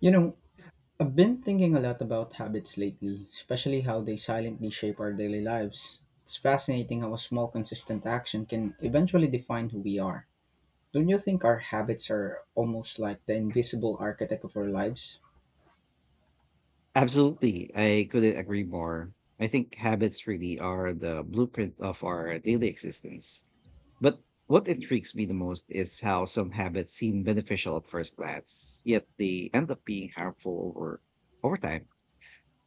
You know, I've been thinking a lot about habits lately, especially how they silently shape our daily lives. It's fascinating how a small, consistent action can eventually define who we are. Don't you think our habits are almost like the invisible architect of our lives? Absolutely. I couldn't agree more. I think habits really are the blueprint of our daily existence. But what intrigues me the most is how some habits seem beneficial at first glance, yet they end up being harmful over time.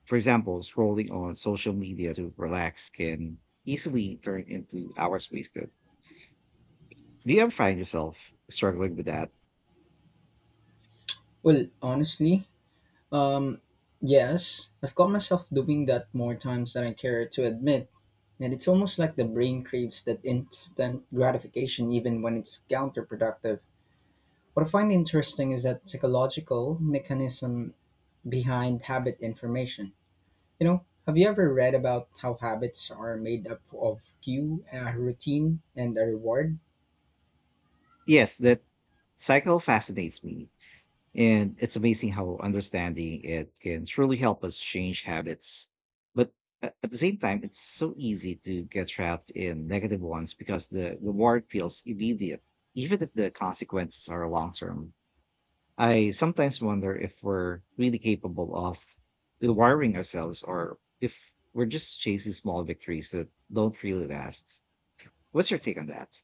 For example, scrolling on social media to relax can easily turn into hours wasted. Do you ever find yourself struggling with that? Well, honestly, um, yes, I've caught myself doing that more times than I care to admit. And it's almost like the brain craves that instant gratification even when it's counterproductive. What I find interesting is that psychological mechanism behind habit information. Have you ever read about how habits are made up of cue, a routine, and a reward? Yes, that cycle fascinates me. And it's amazing how understanding it can truly help us change habits. But at the same time, it's so easy to get trapped in negative ones because the reward feels immediate, even if the consequences are long term. I sometimes wonder if we're really capable of rewiring ourselves or if we're just chasing small victories that don't really last. What's your take on that?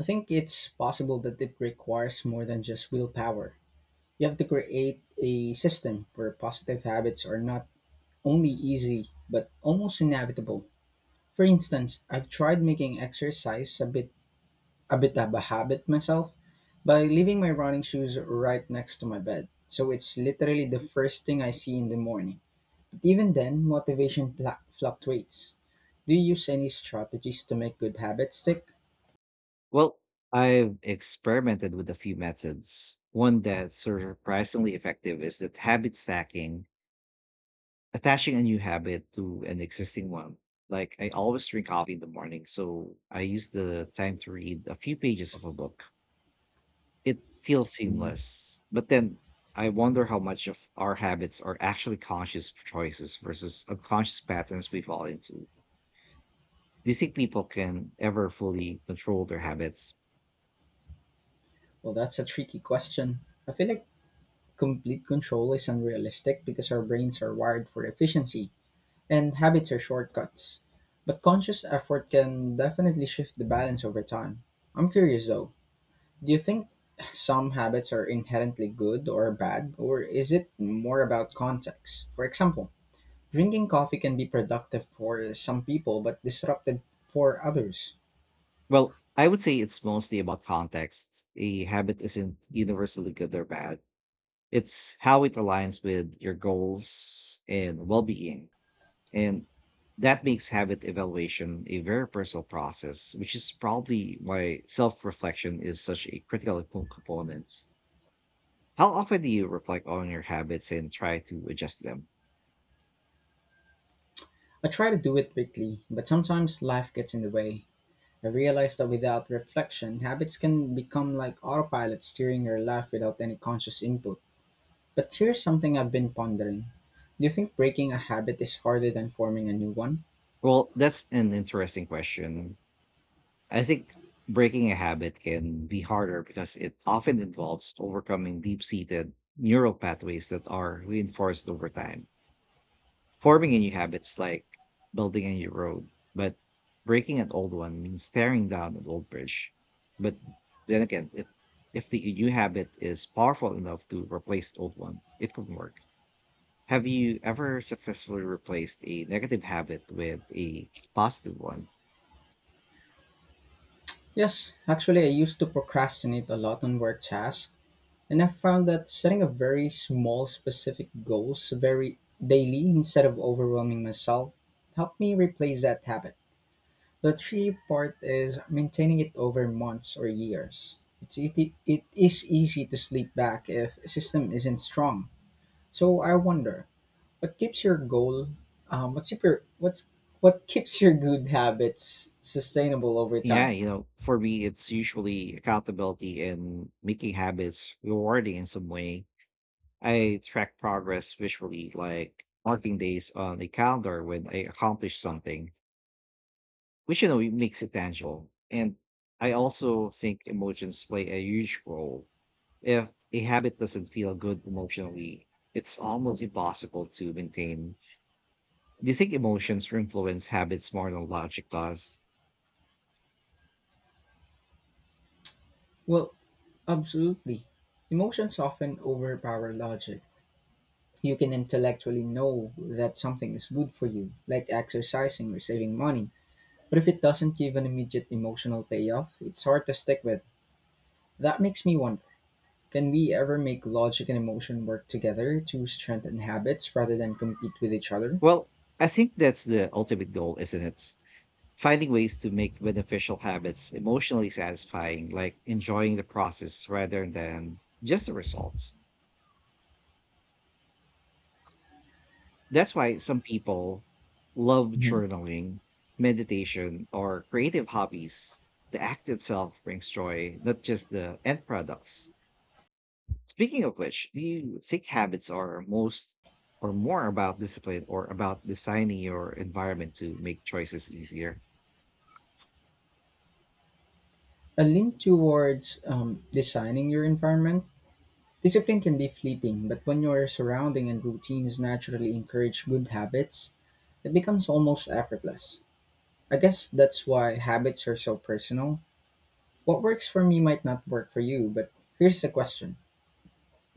I think it's possible that it requires more than just willpower. You have to create a system where positive habits are not only easy but almost inevitable. For instance, I've tried making exercise a bit of a habit myself by leaving my running shoes right next to my bed. So it's literally the first thing I see in the morning. But even then, motivation fluctuates. Do you use any strategies to make good habits stick? Well, I've experimented with a few methods. One that's surprisingly effective is that habit stacking, attaching a new habit to an existing one. Like I always drink coffee in the morning, so I use the time to read a few pages of a book. It feels Hmm, seamless, but then I wonder how much of our habits are actually conscious choices versus unconscious patterns we fall into. Do you think people can ever fully control their habits? Well, that's a tricky question. I feel like complete control is unrealistic because our brains are wired for efficiency and habits are shortcuts. But conscious effort can definitely shift the balance over time. I'm curious though, do you think some habits are inherently good or bad, or is it more about context? For example, drinking coffee can be productive for some people but disruptive for others. Well, I would say it's mostly about context. A habit isn't universally good or bad. It's how it aligns with your goals and well being. And that makes habit evaluation a very personal process, which is probably why self reflection is such a critical component. How often do you reflect on your habits and try to adjust them? I try to do it weekly, but sometimes life gets in the way. I realize that without reflection, habits can become like autopilot steering your life without any conscious input. But here's something I've been pondering. Do you think breaking a habit is harder than forming a new one? Well, that's an interesting question. I think breaking a habit can be harder because it often involves overcoming deep seated neural pathways that are reinforced over time. Forming a new habit is like building a new road, but breaking an old one means tearing down an old bridge. But then again, if the new habit is powerful enough to replace the old one, it can work. Have you ever successfully replaced a negative habit with a positive one? Yes, actually, I used to procrastinate a lot on work tasks, and I found that setting a very small, specific goals, very daily, instead of overwhelming myself, helped me replace that habit. The tricky part is maintaining it over months or years. It is easy to slip back if a system isn't strong. So I wonder, what keeps your goal? Um, what's your what's what keeps your good habits sustainable over Yeah, time? For me, it's usually accountability and making habits rewarding in some way. I track progress visually, like marking days on a calendar when I accomplish something, which, it makes it tangible. And I also think emotions play a huge role. If a habit doesn't feel good emotionally, it's almost impossible to maintain. Do you think emotions influence habits more than logic does? Well, absolutely. Emotions often overpower logic. You can intellectually know that something is good for you, like exercising or saving money, but if it doesn't give an immediate emotional payoff, it's hard to stick with. That makes me wonder, can we ever make logic and emotion work together to strengthen habits rather than compete with each other? Well, I think that's the ultimate goal, isn't it? Finding ways to make beneficial habits emotionally satisfying, like enjoying the process rather than just the results. That's why some people love Mhm. journaling, meditation, or creative hobbies. The act itself brings joy, not just the end products. Speaking of which, do you think habits are most or more about discipline or about designing your environment to make choices easier? A lean towards designing your environment. Discipline can be fleeting, but when your surrounding and routines naturally encourage good habits, it becomes almost effortless. I guess that's why habits are so personal. What works for me might not work for you, but here's the question.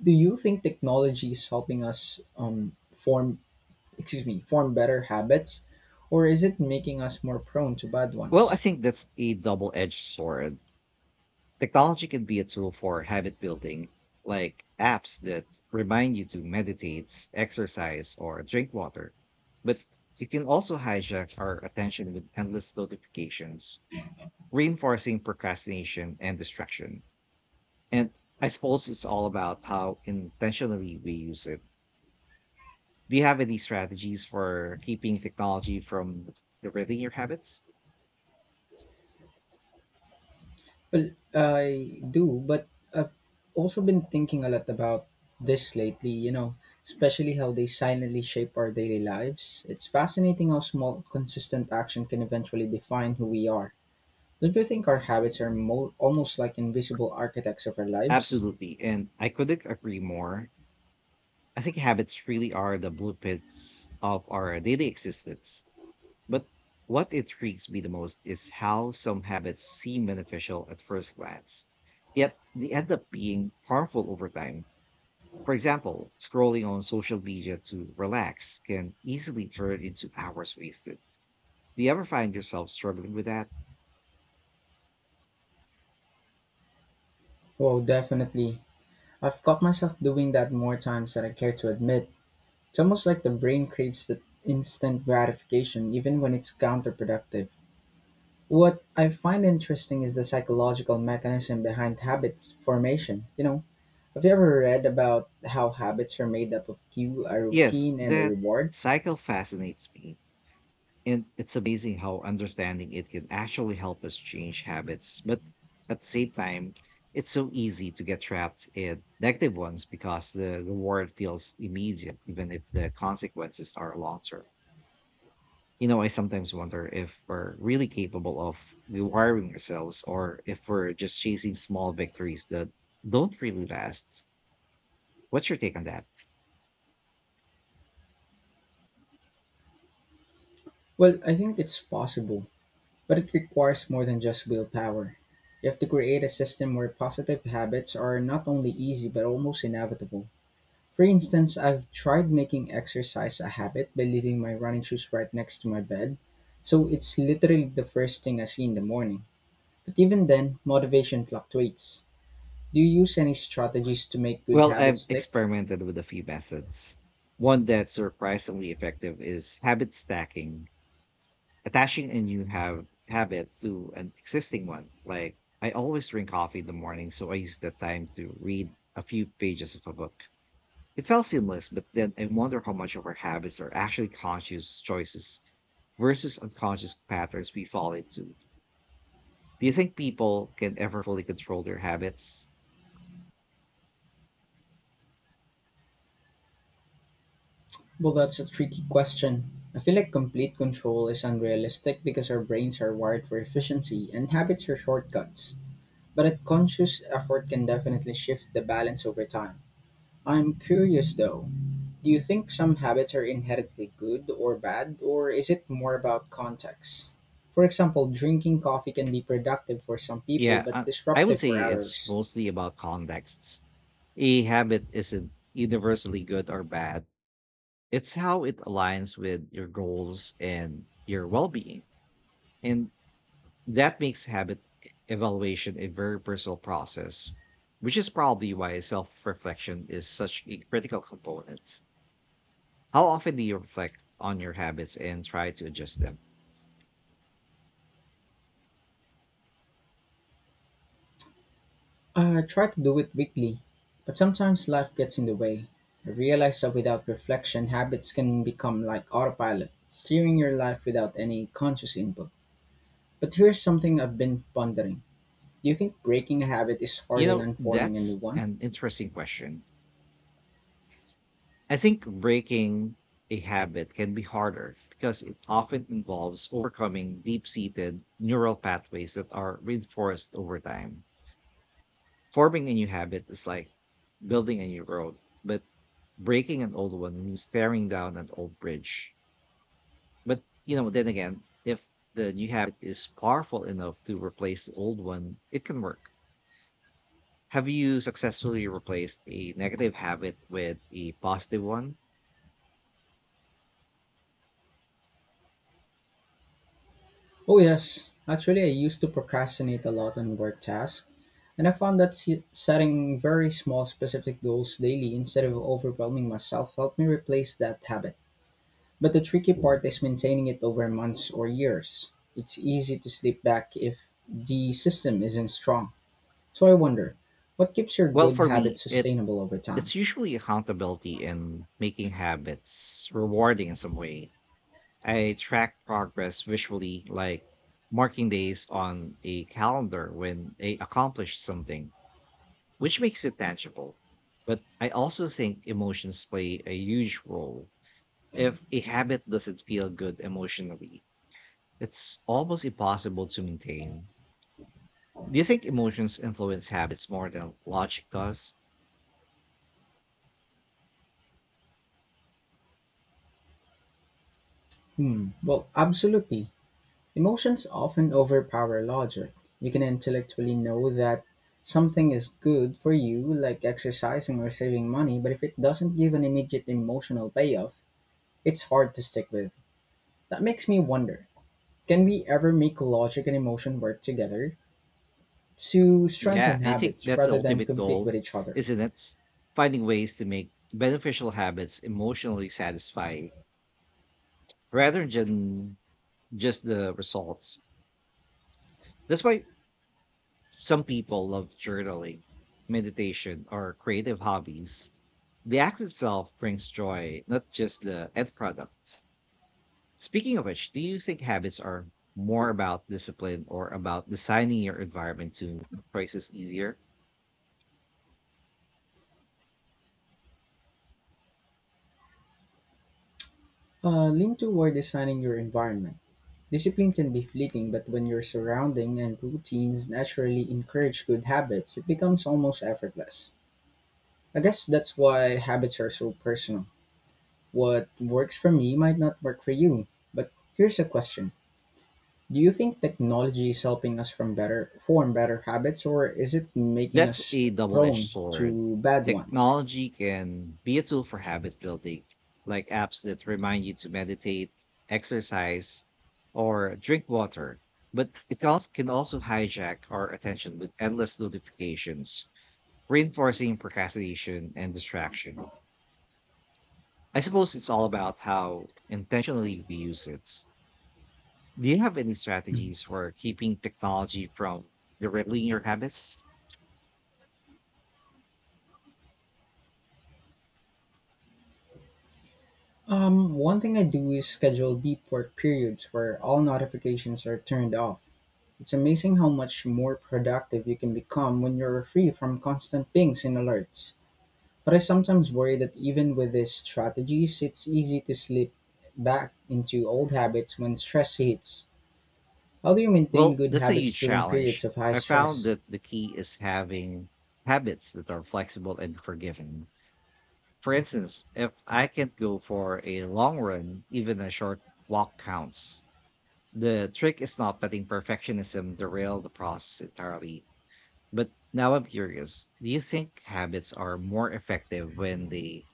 Do you think technology is helping us form better habits, or is it making us more prone to bad Well, I ones? think that's a double edged sword. Technology can be a tool for habit building, like apps that remind you to meditate, exercise, or drink water. But it can also hijack our attention with endless notifications, reinforcing procrastination and distraction. And I suppose it's all about how intentionally we use it. Do you have any strategies for keeping technology from derating your habits? Well, I do, but I've also been thinking a lot about this lately, especially how they silently shape our daily lives. It's fascinating how small, consistent action can eventually define who we are. Don't you think our habits are almost like invisible architects of our lives? Absolutely. And I couldn't agree more. I think habits really are the blueprints of our daily existence. But what intrigues me the most is how some habits seem beneficial at first glance, yet they end up being harmful over time. For example, scrolling on social media to relax can easily turn into hours wasted. Do you ever find yourself struggling with that? Well, definitely. I've caught myself doing that more times than I care to admit. It's almost like the brain craves the instant gratification, even when it's counterproductive. What I find interesting is the psychological mechanism behind habits formation. Have you ever read about how habits are made up of cue, a Yes, routine, and a that reward? cycle fascinates me. And it's amazing how understanding it can actually help us change habits. But at the same time, it's so easy to get trapped in negative ones because the reward feels immediate, even if the consequences are long term. I sometimes wonder if we're really capable of rewiring ourselves or if we're just chasing small victories that don't really last. What's your take on that? Well, I think it's possible, but it requires more than just willpower. You have to create a system where positive habits are not only easy but almost inevitable. For instance, I've tried making exercise a habit by leaving my running shoes right next to my bed, so it's literally the first thing I see in the morning. But even then, motivation fluctuates. Do you use any strategies to make good Well, habits I've stick? experimented with a few methods. One that's surprisingly effective is habit stacking. Attaching a new have habit to an existing one. Like I always drink coffee in the morning, so I use that time to read a few pages of a book. It felt seamless, but then I wonder how much of our habits are actually conscious choices versus unconscious patterns we fall into. Do you think people can ever fully control their habits? Well, that's a tricky question. I feel like complete control is unrealistic because our brains are wired for efficiency and habits are shortcuts. But a conscious effort can definitely shift the balance over time. I'm curious though, do you think some habits are inherently good or bad, or is it more about context? For example, drinking coffee can be productive for some people Yeah, but I would disruptive say for it's others. mostly about contexts. A habit isn't universally good or bad. It's how it aligns with your goals and your well being. And that makes habit evaluation a very personal process, which is probably why self reflection is such a critical component. How often do you reflect on your habits and try to adjust them? I try to do it weekly, but sometimes life gets in the way. I realize that without reflection, habits can become like autopilot, steering your life without any conscious input. But here's something I've been pondering. Do you think breaking a habit is You harder know, than forming a new that's one? an interesting question. I think breaking a habit can be harder because it often involves overcoming deep seated neural pathways that are reinforced over time. Forming a new habit is like building a new road, but breaking an old one means tearing down an old bridge. But, then again, if the new habit is powerful enough to replace the old one, it can work. Have you successfully replaced a negative habit with a positive one? Oh, yes. Actually, I used to procrastinate a lot on work tasks, and I found that setting very small, specific goals daily instead of overwhelming myself helped me replace that habit. But the tricky part is maintaining it over months or years. It's easy to slip back if the system isn't strong. So I wonder, what keeps your Well, good for me, habits sustainable over time? it's usually accountability and making habits rewarding in some way. I track progress visually, like marking days on a calendar when I accomplished something, which makes it tangible. But I also think emotions play a huge role. If a habit doesn't feel good emotionally, it's almost impossible to maintain. Do you think emotions influence habits more than logic does? Well, absolutely. Emotions often overpower logic. You can intellectually know that something is good for you, like exercising or saving money, but if it doesn't give an immediate emotional payoff, it's hard to stick with. That makes me wonder, can we ever make logic and emotion work together to Yeah, strengthen I think habits that's the rather than ultimate compete with goal, each other? isn't it? Finding ways to make beneficial habits emotionally satisfying rather than just the results. That's why some people love journaling, meditation, or creative hobbies. The act itself brings joy, not just the end product. Speaking of which, do you think habits are more about discipline or about designing your environment to make choices easier? Lean toward designing your environment. Discipline can be fleeting, but when your surrounding and routines naturally encourage good habits, it becomes almost effortless. I guess that's why habits are so personal. What works for me might not work for you. But here's a question. Do you think technology is helping us from better form better habits, or is it making That's us a double edged prone sword. to bad ones? Technology can be a tool for habit building, like apps that remind you to meditate, exercise, or drink water. But it also can also hijack our attention with endless notifications, reinforcing procrastination and distraction. I suppose it's all about how intentionally we use it. Do you have any strategies for keeping technology from derailing your habits? One thing I do is schedule deep work periods where all notifications are turned off. It's amazing how much more productive you can become when you're free from constant pings and alerts. But I sometimes worry that even with these strategies, it's easy to slip back into old habits when stress hits. How do you maintain Well, good that's a habits huge during periods challenge. of high I found stress? that the key is having habits that are flexible and forgiving. For instance, if I can't go for a long run, even a short walk counts. The trick is not letting perfectionism derail the process entirely. But now I'm curious, do you think habits are more effective when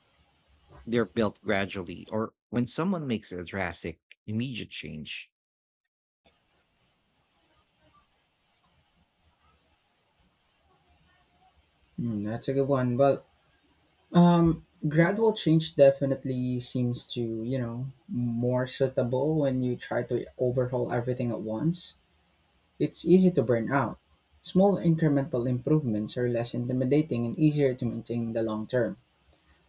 they're built gradually or when someone makes a drastic immediate change? That's a good one. Well, gradual change definitely seems to, more suitable when you try to overhaul everything at once. It's easy to burn out. Small incremental improvements are less intimidating and easier to maintain in the long term.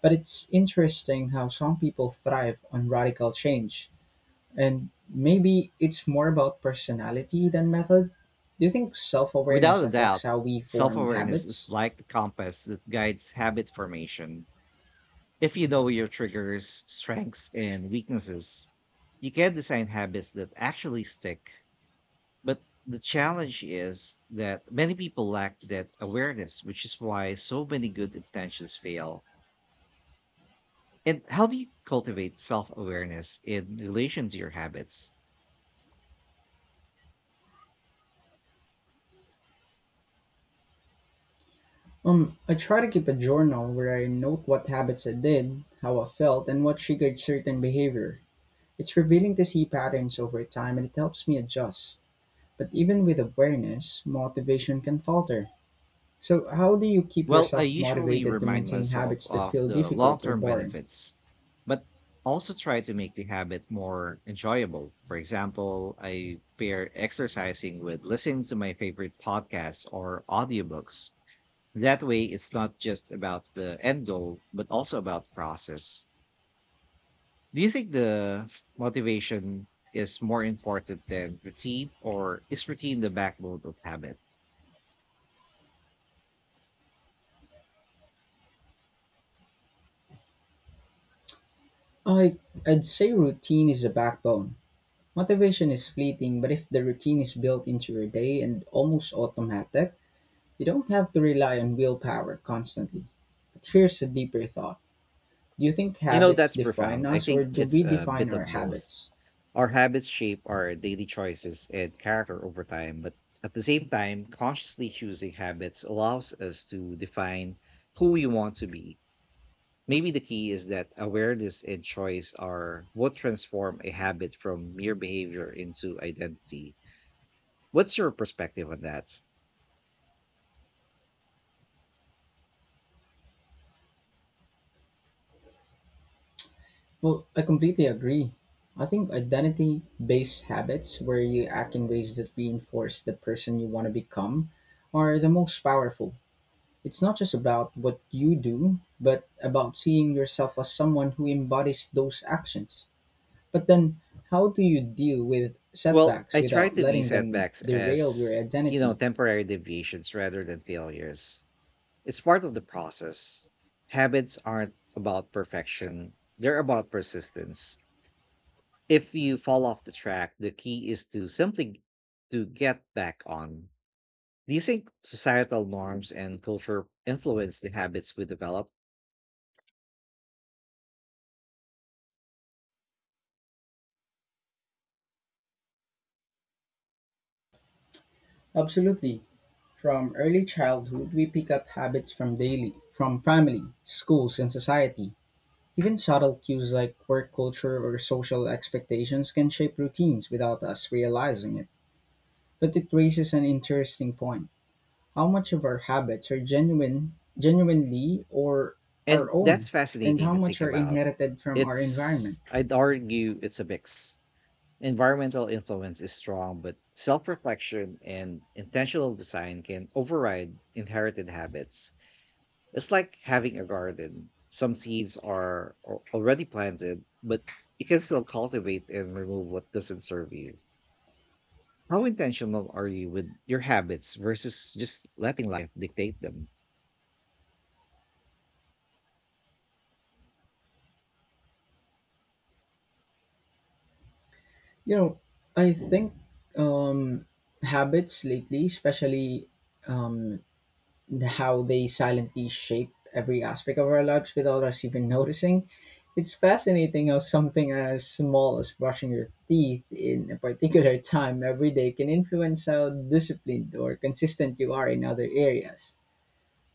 But it's interesting how some people thrive on radical change. And maybe it's more about personality than method. Do you think self awareness Without a affects doubt, how we self form awareness is habits? like the compass that guides habit formation. If you know your triggers, strengths, and weaknesses, you can design habits that actually stick. But the challenge is that many people lack that awareness, which is why so many good intentions fail. And how do you cultivate self awareness in relation to your habits? I try to keep a journal where I note what habits I did, how I felt, and what triggered certain behavior. It's revealing to see patterns over time and it helps me adjust. But even with awareness, motivation can falter. So, how do you keep Well, I yourself usually motivated to remind maintain myself habits that of feel the long difficult or term boring? benefits, but also try to make the habit more enjoyable. For example, I pair exercising with listening to my favorite podcasts or audiobooks. That way, it's not just about the end goal, but also about process. Do you think the motivation is more important than routine, or is routine the backbone of habit? I, I'd say routine is the backbone. Motivation is fleeting, but if the routine is built into your day and almost automatic, you don't have to rely on willpower constantly. But here's a deeper thought. Do you think You know, habits that's define profound. I us, or think do it's we a define bit our of both. habits? Our habits shape our daily choices and character over time, but at the same time, consciously choosing habits allows us to define who we want to be. Maybe the key is that awareness and choice are what transform a habit from mere behavior into identity. What's your perspective on that? Well, I completely agree. I think identity based habits, where you act in ways that reinforce the person you want to become, are the most powerful. It's not just about what you do, but about seeing yourself as someone who embodies those actions. But then, how do you deal with Well, setbacks I try without to view letting them setbacks derail your as, identity? temporary deviations rather than failures. It's part of the process. Habits aren't about perfection, they're about persistence. If you fall off the track, the key is to get back on. Do you think societal norms and culture influence the habits we develop? Absolutely. From early childhood, we pick up habits from daily, from family, schools, and society. Even subtle cues like work culture or social expectations can shape routines without us realizing it. But it raises an interesting point. How much of our habits are genuinely or our And that's own, and fascinating how to much think are about. inherited from our environment? It's I'd argue it's a mix. Environmental influence is strong, but self-reflection and intentional design can override inherited habits. It's like having a garden. Some seeds are already planted, but you can still cultivate and remove what doesn't serve you. How intentional are you with your habits versus just letting life dictate them? You know, I think um, habits lately, especially um, and how they silently shape every aspect of our lives without us even noticing. It's fascinating how something as small as brushing your teeth in a particular time every day can influence how disciplined or consistent you are in other areas.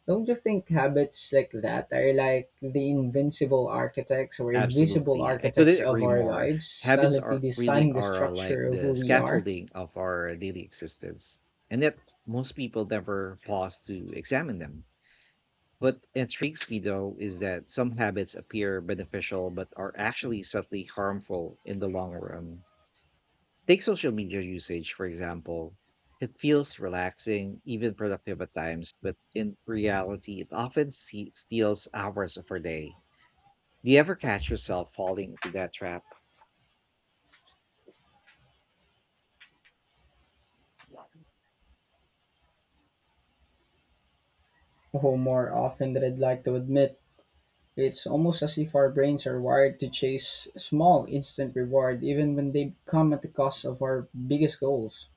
Don't you think habits like that are like the invincible architects or invisible Absolutely. I architects couldn't of agree our more. lives, Habits silently are really designing the are like structure of who the we are? scaffolding of our daily existence. And yet most people never pause to examine them. What intrigues me though is that some habits appear beneficial but are actually subtly harmful in the long run. Take social media usage, for example. It feels relaxing, even productive at times, but in reality, it often steals hours of our day. Do you ever catch yourself falling into that trap? Oh, more often than I'd like to admit. It's almost as if our brains are wired to chase small, instant reward, even when they come at the cost of our biggest goals.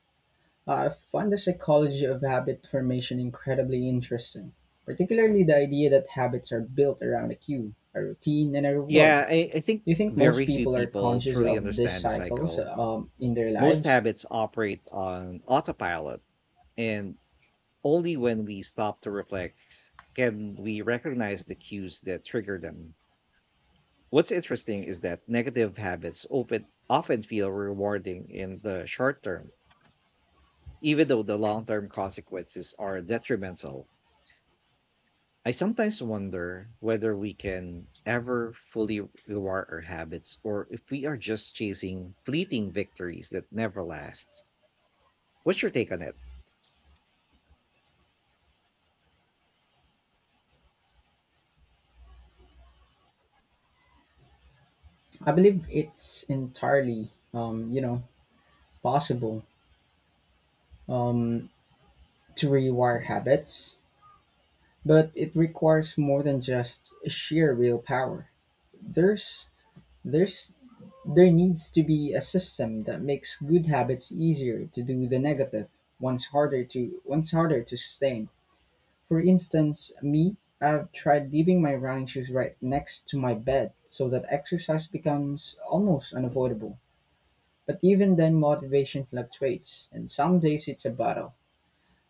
I find the psychology of habit formation incredibly interesting, particularly the idea that habits are built around a cue, a routine, and a reward. Yeah, I think Do you think most very few people are people conscious truly of these understand the cycles cycle. In their Most lives? habits operate on autopilot, and only when we stop to reflect can we recognize the cues that trigger them. What's interesting is that negative habits open, often feel rewarding in the short term, even though the long term consequences are detrimental. I sometimes wonder whether we can ever fully reward our habits or if we are just chasing fleeting victories that never last. What's your take on it? I believe it's entirely, possible um, to rewire habits. But it requires more than just sheer willpower. There's there's there needs to be a system that makes good habits easier to do the negative, once harder to sustain. For instance, me, I've tried leaving my running shoes right next to my bed so that exercise becomes almost unavoidable. But even then motivation fluctuates and some days it's a battle.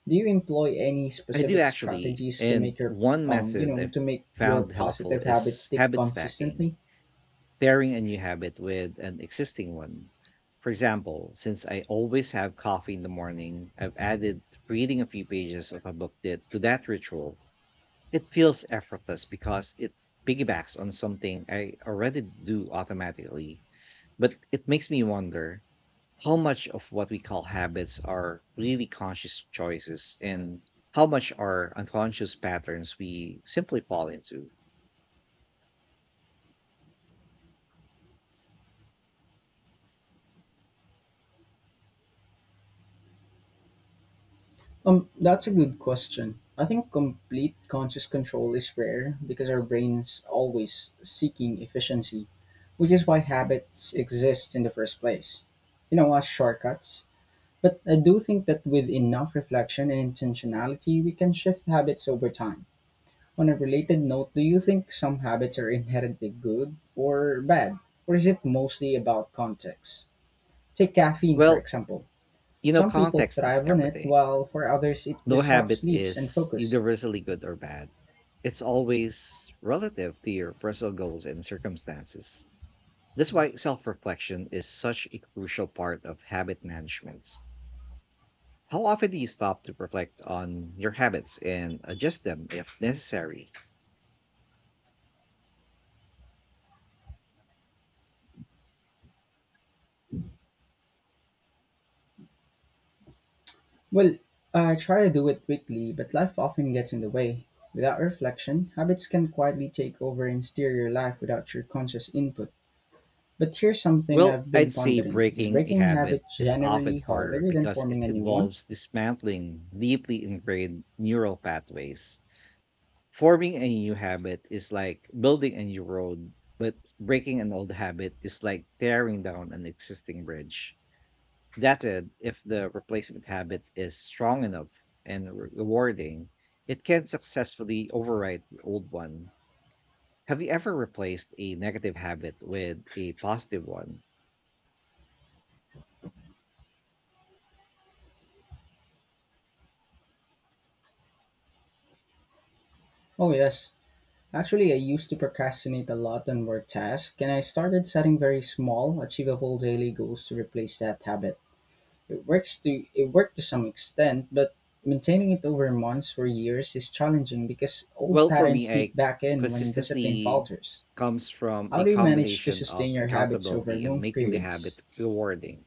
Do you employ any I do specific actually. strategies to And make your one method I to make your found helpful positive habits is stick habit stacking, consistently? pairing a new habit with an existing one. For example, since I always have coffee in the morning, I've added reading a few pages of a book that, to that ritual. It feels effortless because it piggybacks on something I already do automatically, but it makes me wonder how much of what we call habits are really conscious choices and how much are unconscious patterns we simply fall into? That's a good question. I think complete conscious control is rare because our brain's always seeking efficiency, which is why habits exist in the first place. You know, as shortcuts. But I do think that with enough reflection and intentionality, we can shift habits over time. On a related note, do you think some habits are inherently good or bad, or is it mostly about context? Take caffeine, for Well, example. you know, Some people context is thrive on it, everything. while for others it No disrupts habit sleeps and is focus. universally good or bad. It's always relative to your personal goals and circumstances. That's why self reflection is such a crucial part of habit management. How often do you stop to reflect on your habits and adjust them if necessary? Well, I try to do it weekly, but life often gets in the way. Without reflection, habits can quietly take over and steer your life without your conscious input. But here's something Well, I've been I'd say pondering. Is breaking a breaking a habit habit is often generally harder harder than because forming it a new one? involves dismantling deeply ingrained neural pathways. Forming a new habit is like building a new road, but breaking an old habit is like tearing down an existing bridge. That said, if the replacement habit is strong enough and rewarding, it can successfully override the old one. Have you ever replaced a negative habit with a positive one? Oh, yes. Actually, I used to procrastinate a lot on work tasks, and I started setting very small, achievable daily goals to replace that habit. It worked to some extent, but maintaining it over months or years is challenging because old Well, for patterns me, sneak I back in when discipline consistency falters. comes from How a do you manage to combination sustain of your habits over accountability and long making the periods? habit rewarding.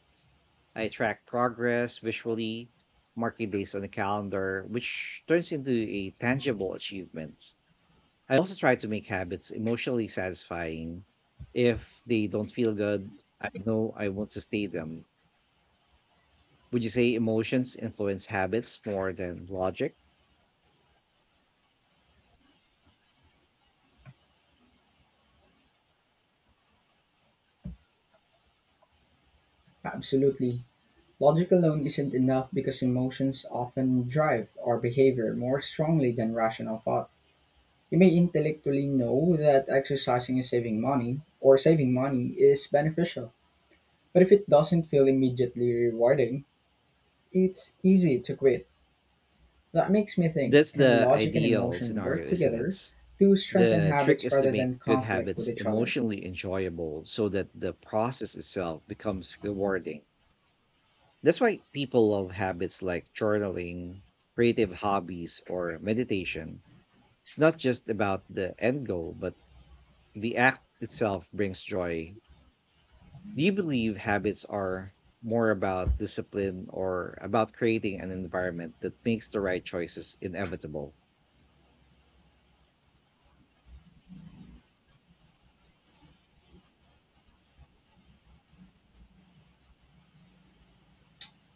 I track progress visually, marking days on the calendar, which turns into a tangible achievement. I also try to make habits emotionally satisfying. If they don't feel good, I know I won't sustain them. Would you say emotions influence habits more than logic? Absolutely. Logic alone isn't enough because emotions often drive our behavior more strongly than rational thought. You may intellectually know that exercising is saving money is beneficial, but if it doesn't feel immediately rewarding, it's easy to quit. That makes me think, That's can the logic and ideal emotion work scenario, isn't together it? to strengthen The trick habits is to rather make than good conflict with habits each other? emotionally enjoyable so that the process itself becomes rewarding. That's why people love habits like journaling, creative hobbies, or meditation. It's not just about the end goal, but the act itself brings joy. Do you believe habits are more about discipline or about creating an environment that makes the right choices inevitable?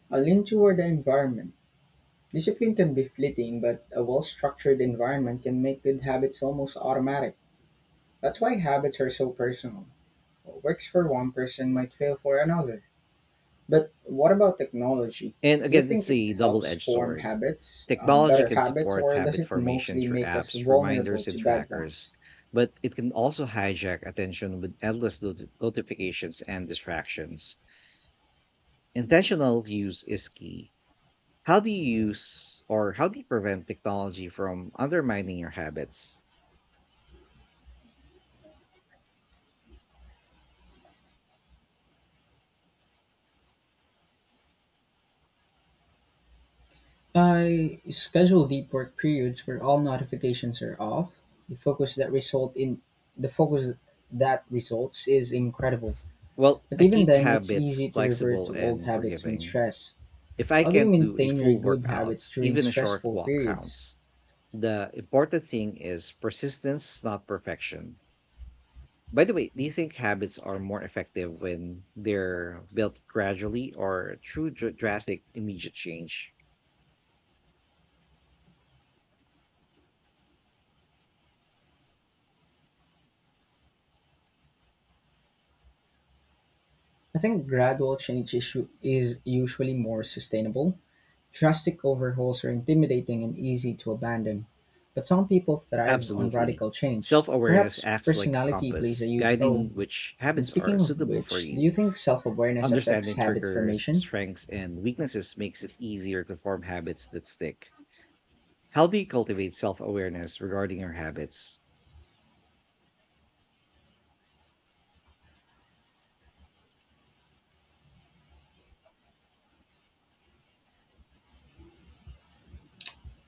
I lean toward the environment. Discipline can be fleeting, but a well structured environment can make good habits almost automatic. That's why habits are so personal. What works for one person might fail for another. But what about technology? And Do you again, it's think it a double helps edged form sword. habits, Technology better can habits, support or does habit it formation mostly through make us apps, vulnerable reminders, to and bad trackers, ones? but it can also hijack attention with endless notifications and distractions. Intentional use is key. How do you use, or how do you prevent technology from undermining your habits? I schedule deep work periods where all notifications are off. The focus that result in the focus that results is incredible. Well, But I even keep then, it's habits easy to revert flexible to old and habits when forgiving. stressed. If I How do you can't do a maintain your full good workout, habits during even a short stressful walk periods? counts. The important thing is persistence, not perfection. By the way, do you think habits are more effective when they're built gradually or through drastic immediate change? I think gradual change is usually more sustainable. Drastic overhauls are intimidating and easy to abandon, but some people thrive on Absolutely. radical change. Self awareness Perhaps acts like a personality plays a compass, huge role. guiding which And habits are speaking of suitable for which, do you you. think self awareness affects Understanding habit triggers, formation? strengths, and weaknesses makes it easier to form habits that stick. How do you cultivate self awareness regarding your habits?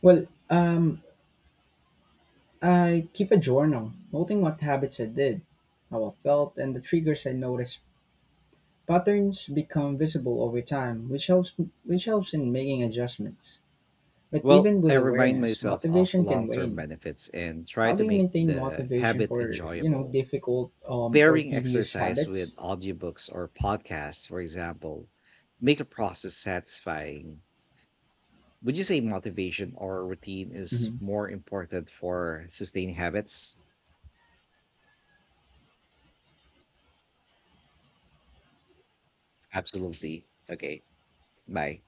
Well, I keep a journal, noting what habits I did, how I felt, and the triggers I noticed. Patterns become visible over time, which helps in making adjustments. But Well, even I with remind awareness, myself of motivation can long term wane. benefits and try How do to you make maintain the motivation habit for, you know, enjoyable. difficult or Pairing tedious exercise with habits? audiobooks or podcasts, for example, makes the process satisfying. Would you say motivation or routine is Hmm. more important for sustaining habits? Absolutely. Okay. Bye.